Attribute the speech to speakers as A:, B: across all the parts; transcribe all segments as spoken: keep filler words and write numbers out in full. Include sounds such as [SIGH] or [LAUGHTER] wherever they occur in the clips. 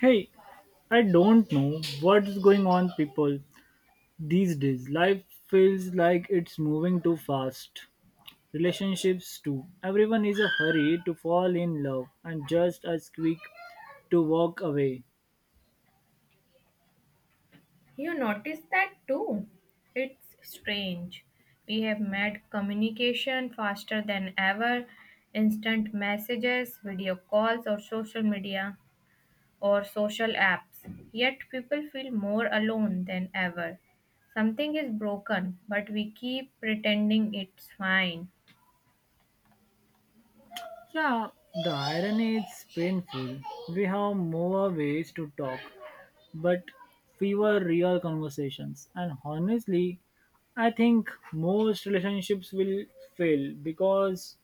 A: Hey, I don't know what's going on people these days. Life feels like it's moving too fast. Relationships too. Everyone is a hurry to fall in love and just as quick to walk away.
B: You noticed that too. It's strange. We have made communication faster than ever, instant messages, video calls, or social media or social apps. Yet people feel more alone than ever. Something is broken, but we keep pretending it's fine.
A: Yeah, the irony is painful. We have more ways to talk, but fewer real conversations. And honestly, I think most relationships will fail because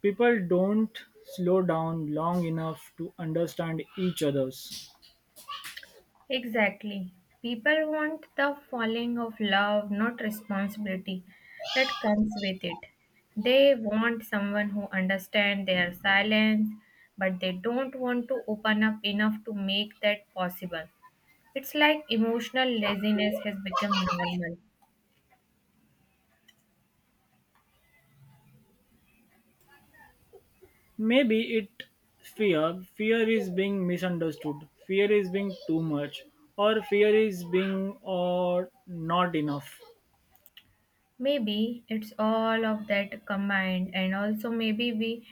A: people don't slow down long enough to understand each other's.
B: Exactly. People want the falling of love, not responsibility that comes with it. They want someone who understands their silence, but they don't want to open up enough to make that possible. It's like emotional laziness has become normal.
A: Maybe it fear. Fear is being misunderstood. Fear is being too much. Or fear is being or not enough.
B: Maybe it's all of that combined, and also maybe we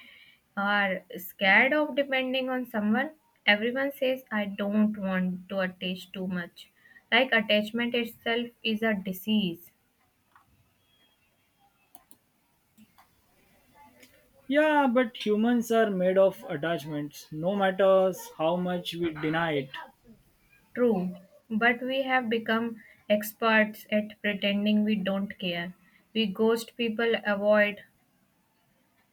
B: are scared of depending on someone. Everyone says, I don't want to attach too much. Like attachment itself is a disease.
A: Yeah, but humans are made of attachments, no matter how much we deny it.
B: True, but we have become experts at pretending we don't care. We ghost people, avoid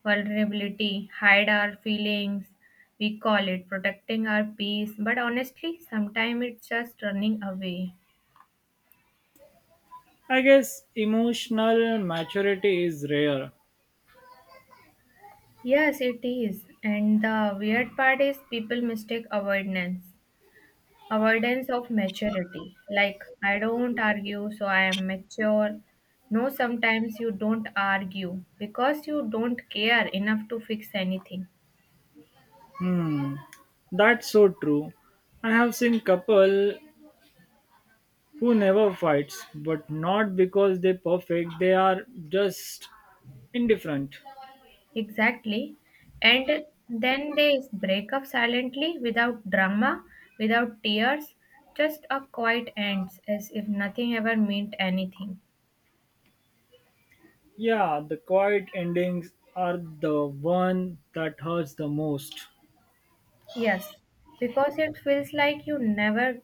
B: vulnerability, hide our feelings. We call it protecting our peace, but honestly, sometimes it's just running away.
A: I guess emotional maturity is rare.
B: Yes, it is. And the weird part is people mistake avoidance. Avoidance of maturity. Like, I don't argue, so I am mature. No, sometimes you don't argue because you don't care enough to fix anything.
A: Hmm, that's so true. I have seen couple who never fights, but not because they're perfect, they are just indifferent.
B: Exactly. And then they break up silently without drama, without tears, just a quiet ends as if nothing ever meant anything.
A: Yeah, the quiet endings are the one that hurts the most.
B: Yes, because it feels like you never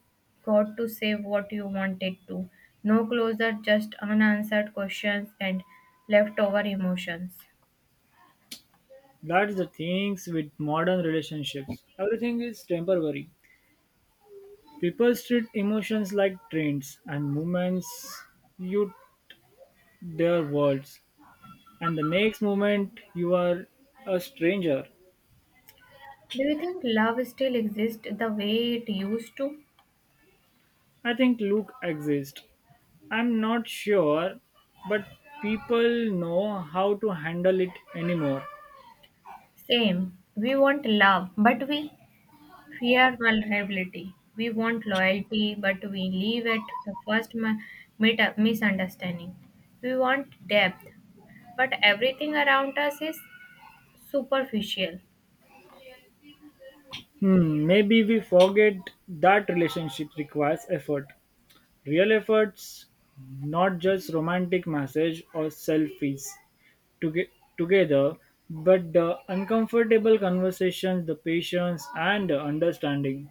B: got to say what you wanted to. No closer, just unanswered questions and leftover emotions.
A: That's the things with modern relationships. Everything is temporary. People treat emotions like trains and moments. You their worlds. And the next moment you are a stranger.
B: Do you think love still exists the way it used to?
A: I think Luke exists. I'm not sure, but people know how to handle it anymore.
B: Same. We want love, but we fear vulnerability. We want loyalty, but we leave it the first mi- mit- misunderstanding. We want depth, but everything around us is superficial.
A: Hmm, maybe we forget that relationship requires effort. Real efforts, not just romantic message or selfies toge- together, but the uncomfortable conversations, the patience, and the understanding.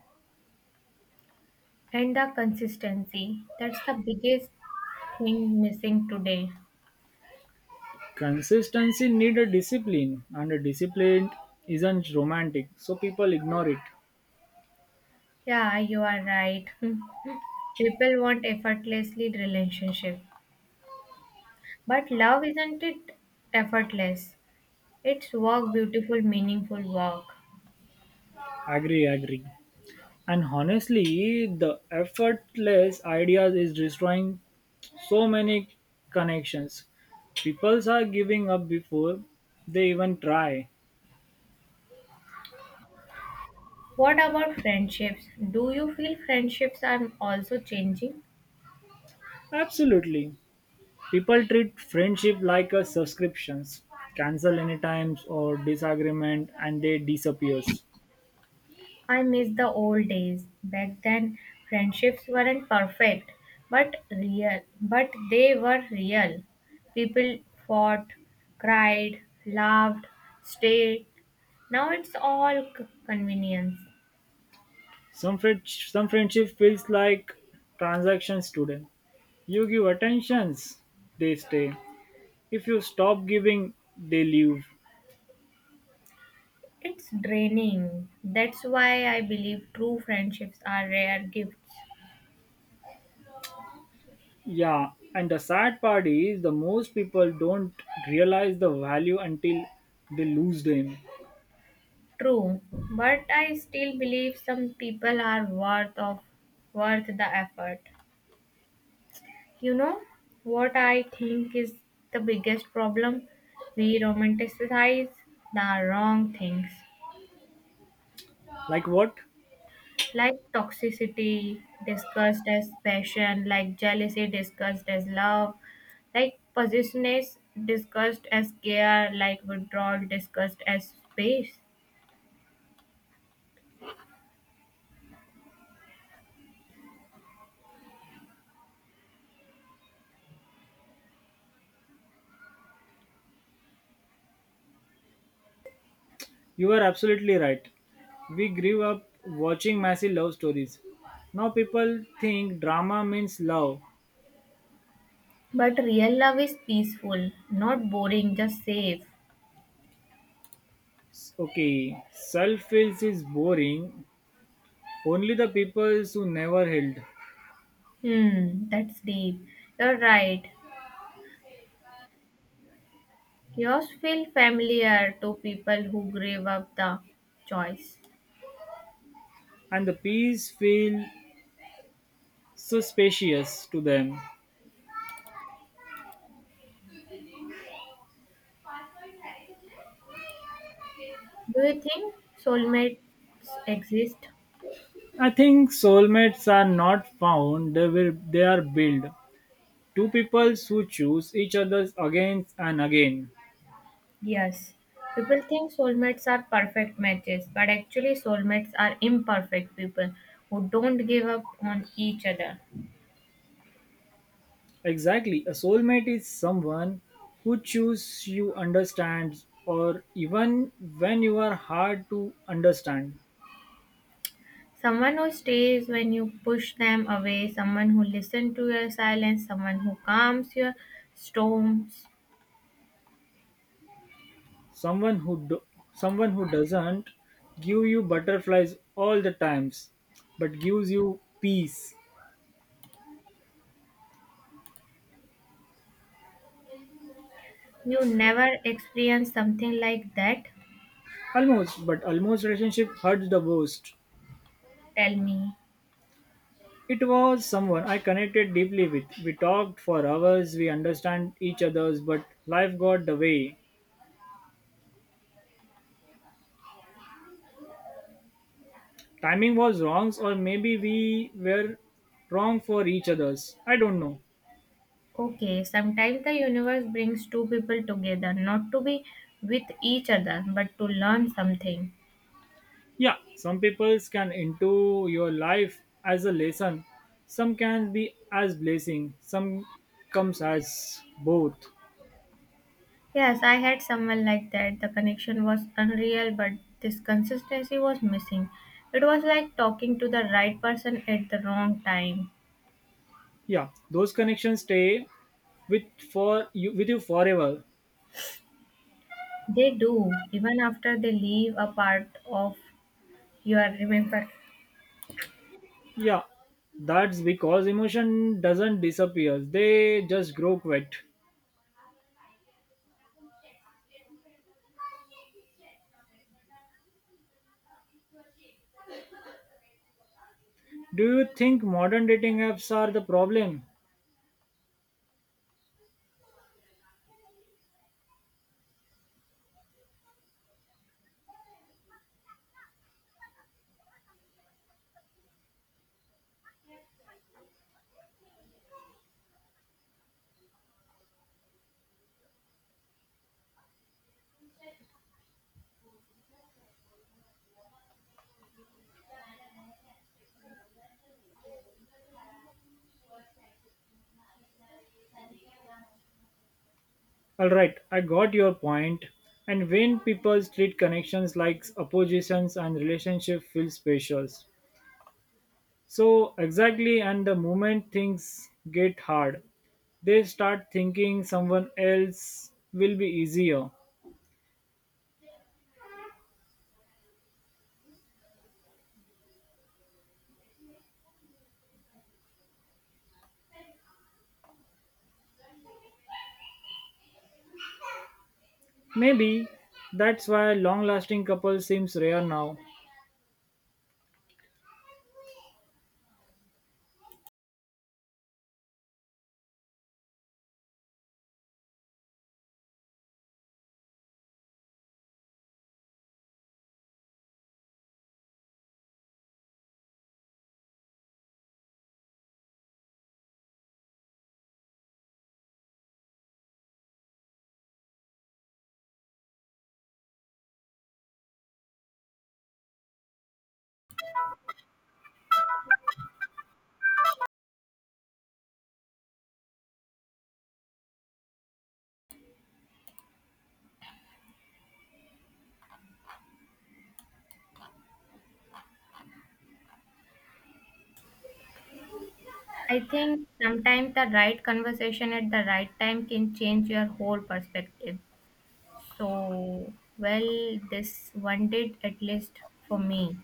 B: And the consistency. That's the biggest thing missing today.
A: Consistency need a discipline, and a discipline isn't romantic, so people ignore it.
B: Yeah, you are right. [LAUGHS] People want effortlessly relationship. But love isn't it effortless. It's work, beautiful, meaningful work.
A: Agree, agree. And honestly, the effortless ideas is destroying so many connections. People are giving up before they even try.
B: What about friendships? Do you feel friendships are also changing?
A: Absolutely. People treat friendship like a subscriptions. Cancel any times or disagreement and they disappears.
B: I miss the old days. Back then, friendships weren't perfect, but real. But they were real. People fought, cried, laughed, stayed. Now it's all c- convenience.
A: Some friend- some friendship feels like transactions today. You give attentions, they stay. If you stop giving, they leave.
B: It's draining. That's why I believe true friendships are rare gifts.
A: Yeah, and the sad part is the most people don't realize the value until they lose them.
B: True, but I still believe some people are worth of worth the effort. You know what I think is the biggest problem? We romanticize the wrong things
A: Like what?
B: like toxicity discussed as passion, like jealousy discussed as love, like possessiveness discussed as care, like withdrawal discussed as space.
A: You are absolutely right. We grew up watching massive love stories. Now people think drama means love.
B: But real love is peaceful, not boring, just safe.
A: Okay, self feels is boring. Only the people who never held,
B: Hmm, that's deep. You're right. Yours feel familiar to people who gave up the choice.
A: and the peace feel suspicious to them.
B: Do you think soulmates exist?
A: I think soulmates are not found; they will they are built. Two peoples who choose each other again and again.
B: Yes. People think soulmates are perfect matches, but actually, soulmates are imperfect people who don't give up on each other.
A: Exactly. A soulmate is someone who chooses you understands or even when you are hard to understand.
B: Someone who stays when you push them away, someone who listens to your silence, someone who calms your storms.
A: Someone who do, Someone who doesn't give you butterflies all the times but gives you peace.
B: You never experience something like that?
A: Almost, but almost relationship hurts the most.
B: Tell me.
A: It was someone I connected deeply with. We talked for hours, we understand each other's, but life got the way. Timing was wrong or maybe we were wrong for each others, I don't know.
B: Okay, sometimes the universe brings two people together, not to be with each other, but to learn something.
A: Yeah, some people can into your life as a lesson, some can be as blessing, some comes as both.
B: Yes, I had someone like that. The connection was unreal, but this consistency was missing. It was like talking to the right person at the wrong time.
A: Yeah, those connections stay with for you with you forever.
B: They do, even after they leave a part of your remember.
A: Yeah, that's because emotion doesn't disappear, they just grow quiet. Do you think modern dating apps are the problem? Alright, I got your point. And when people treat connections like oppositions and relationship feel special. So exactly and the moment things get hard, they start thinking someone else will be easier. Maybe that's why long lasting couples seems rare now.
B: I think sometimes the right conversation at the right time can change your whole perspective. So, well, this one did at least for me.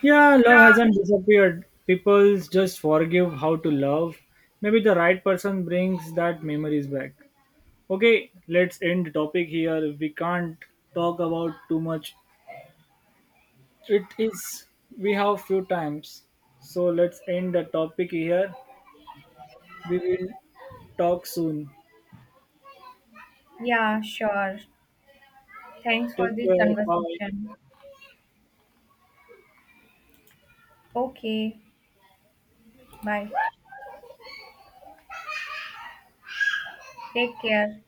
A: Yeah, love hasn't disappeared. People just forgive how to love. Maybe the right person brings that memories back. Okay, let's end the topic here. We can't talk about too much. It is we have few times. So let's end the topic here. We will talk soon.
B: Yeah, sure. Thanks for
A: Take
B: this
A: care. Bye.
B: conversation. Okay, bye. Take care.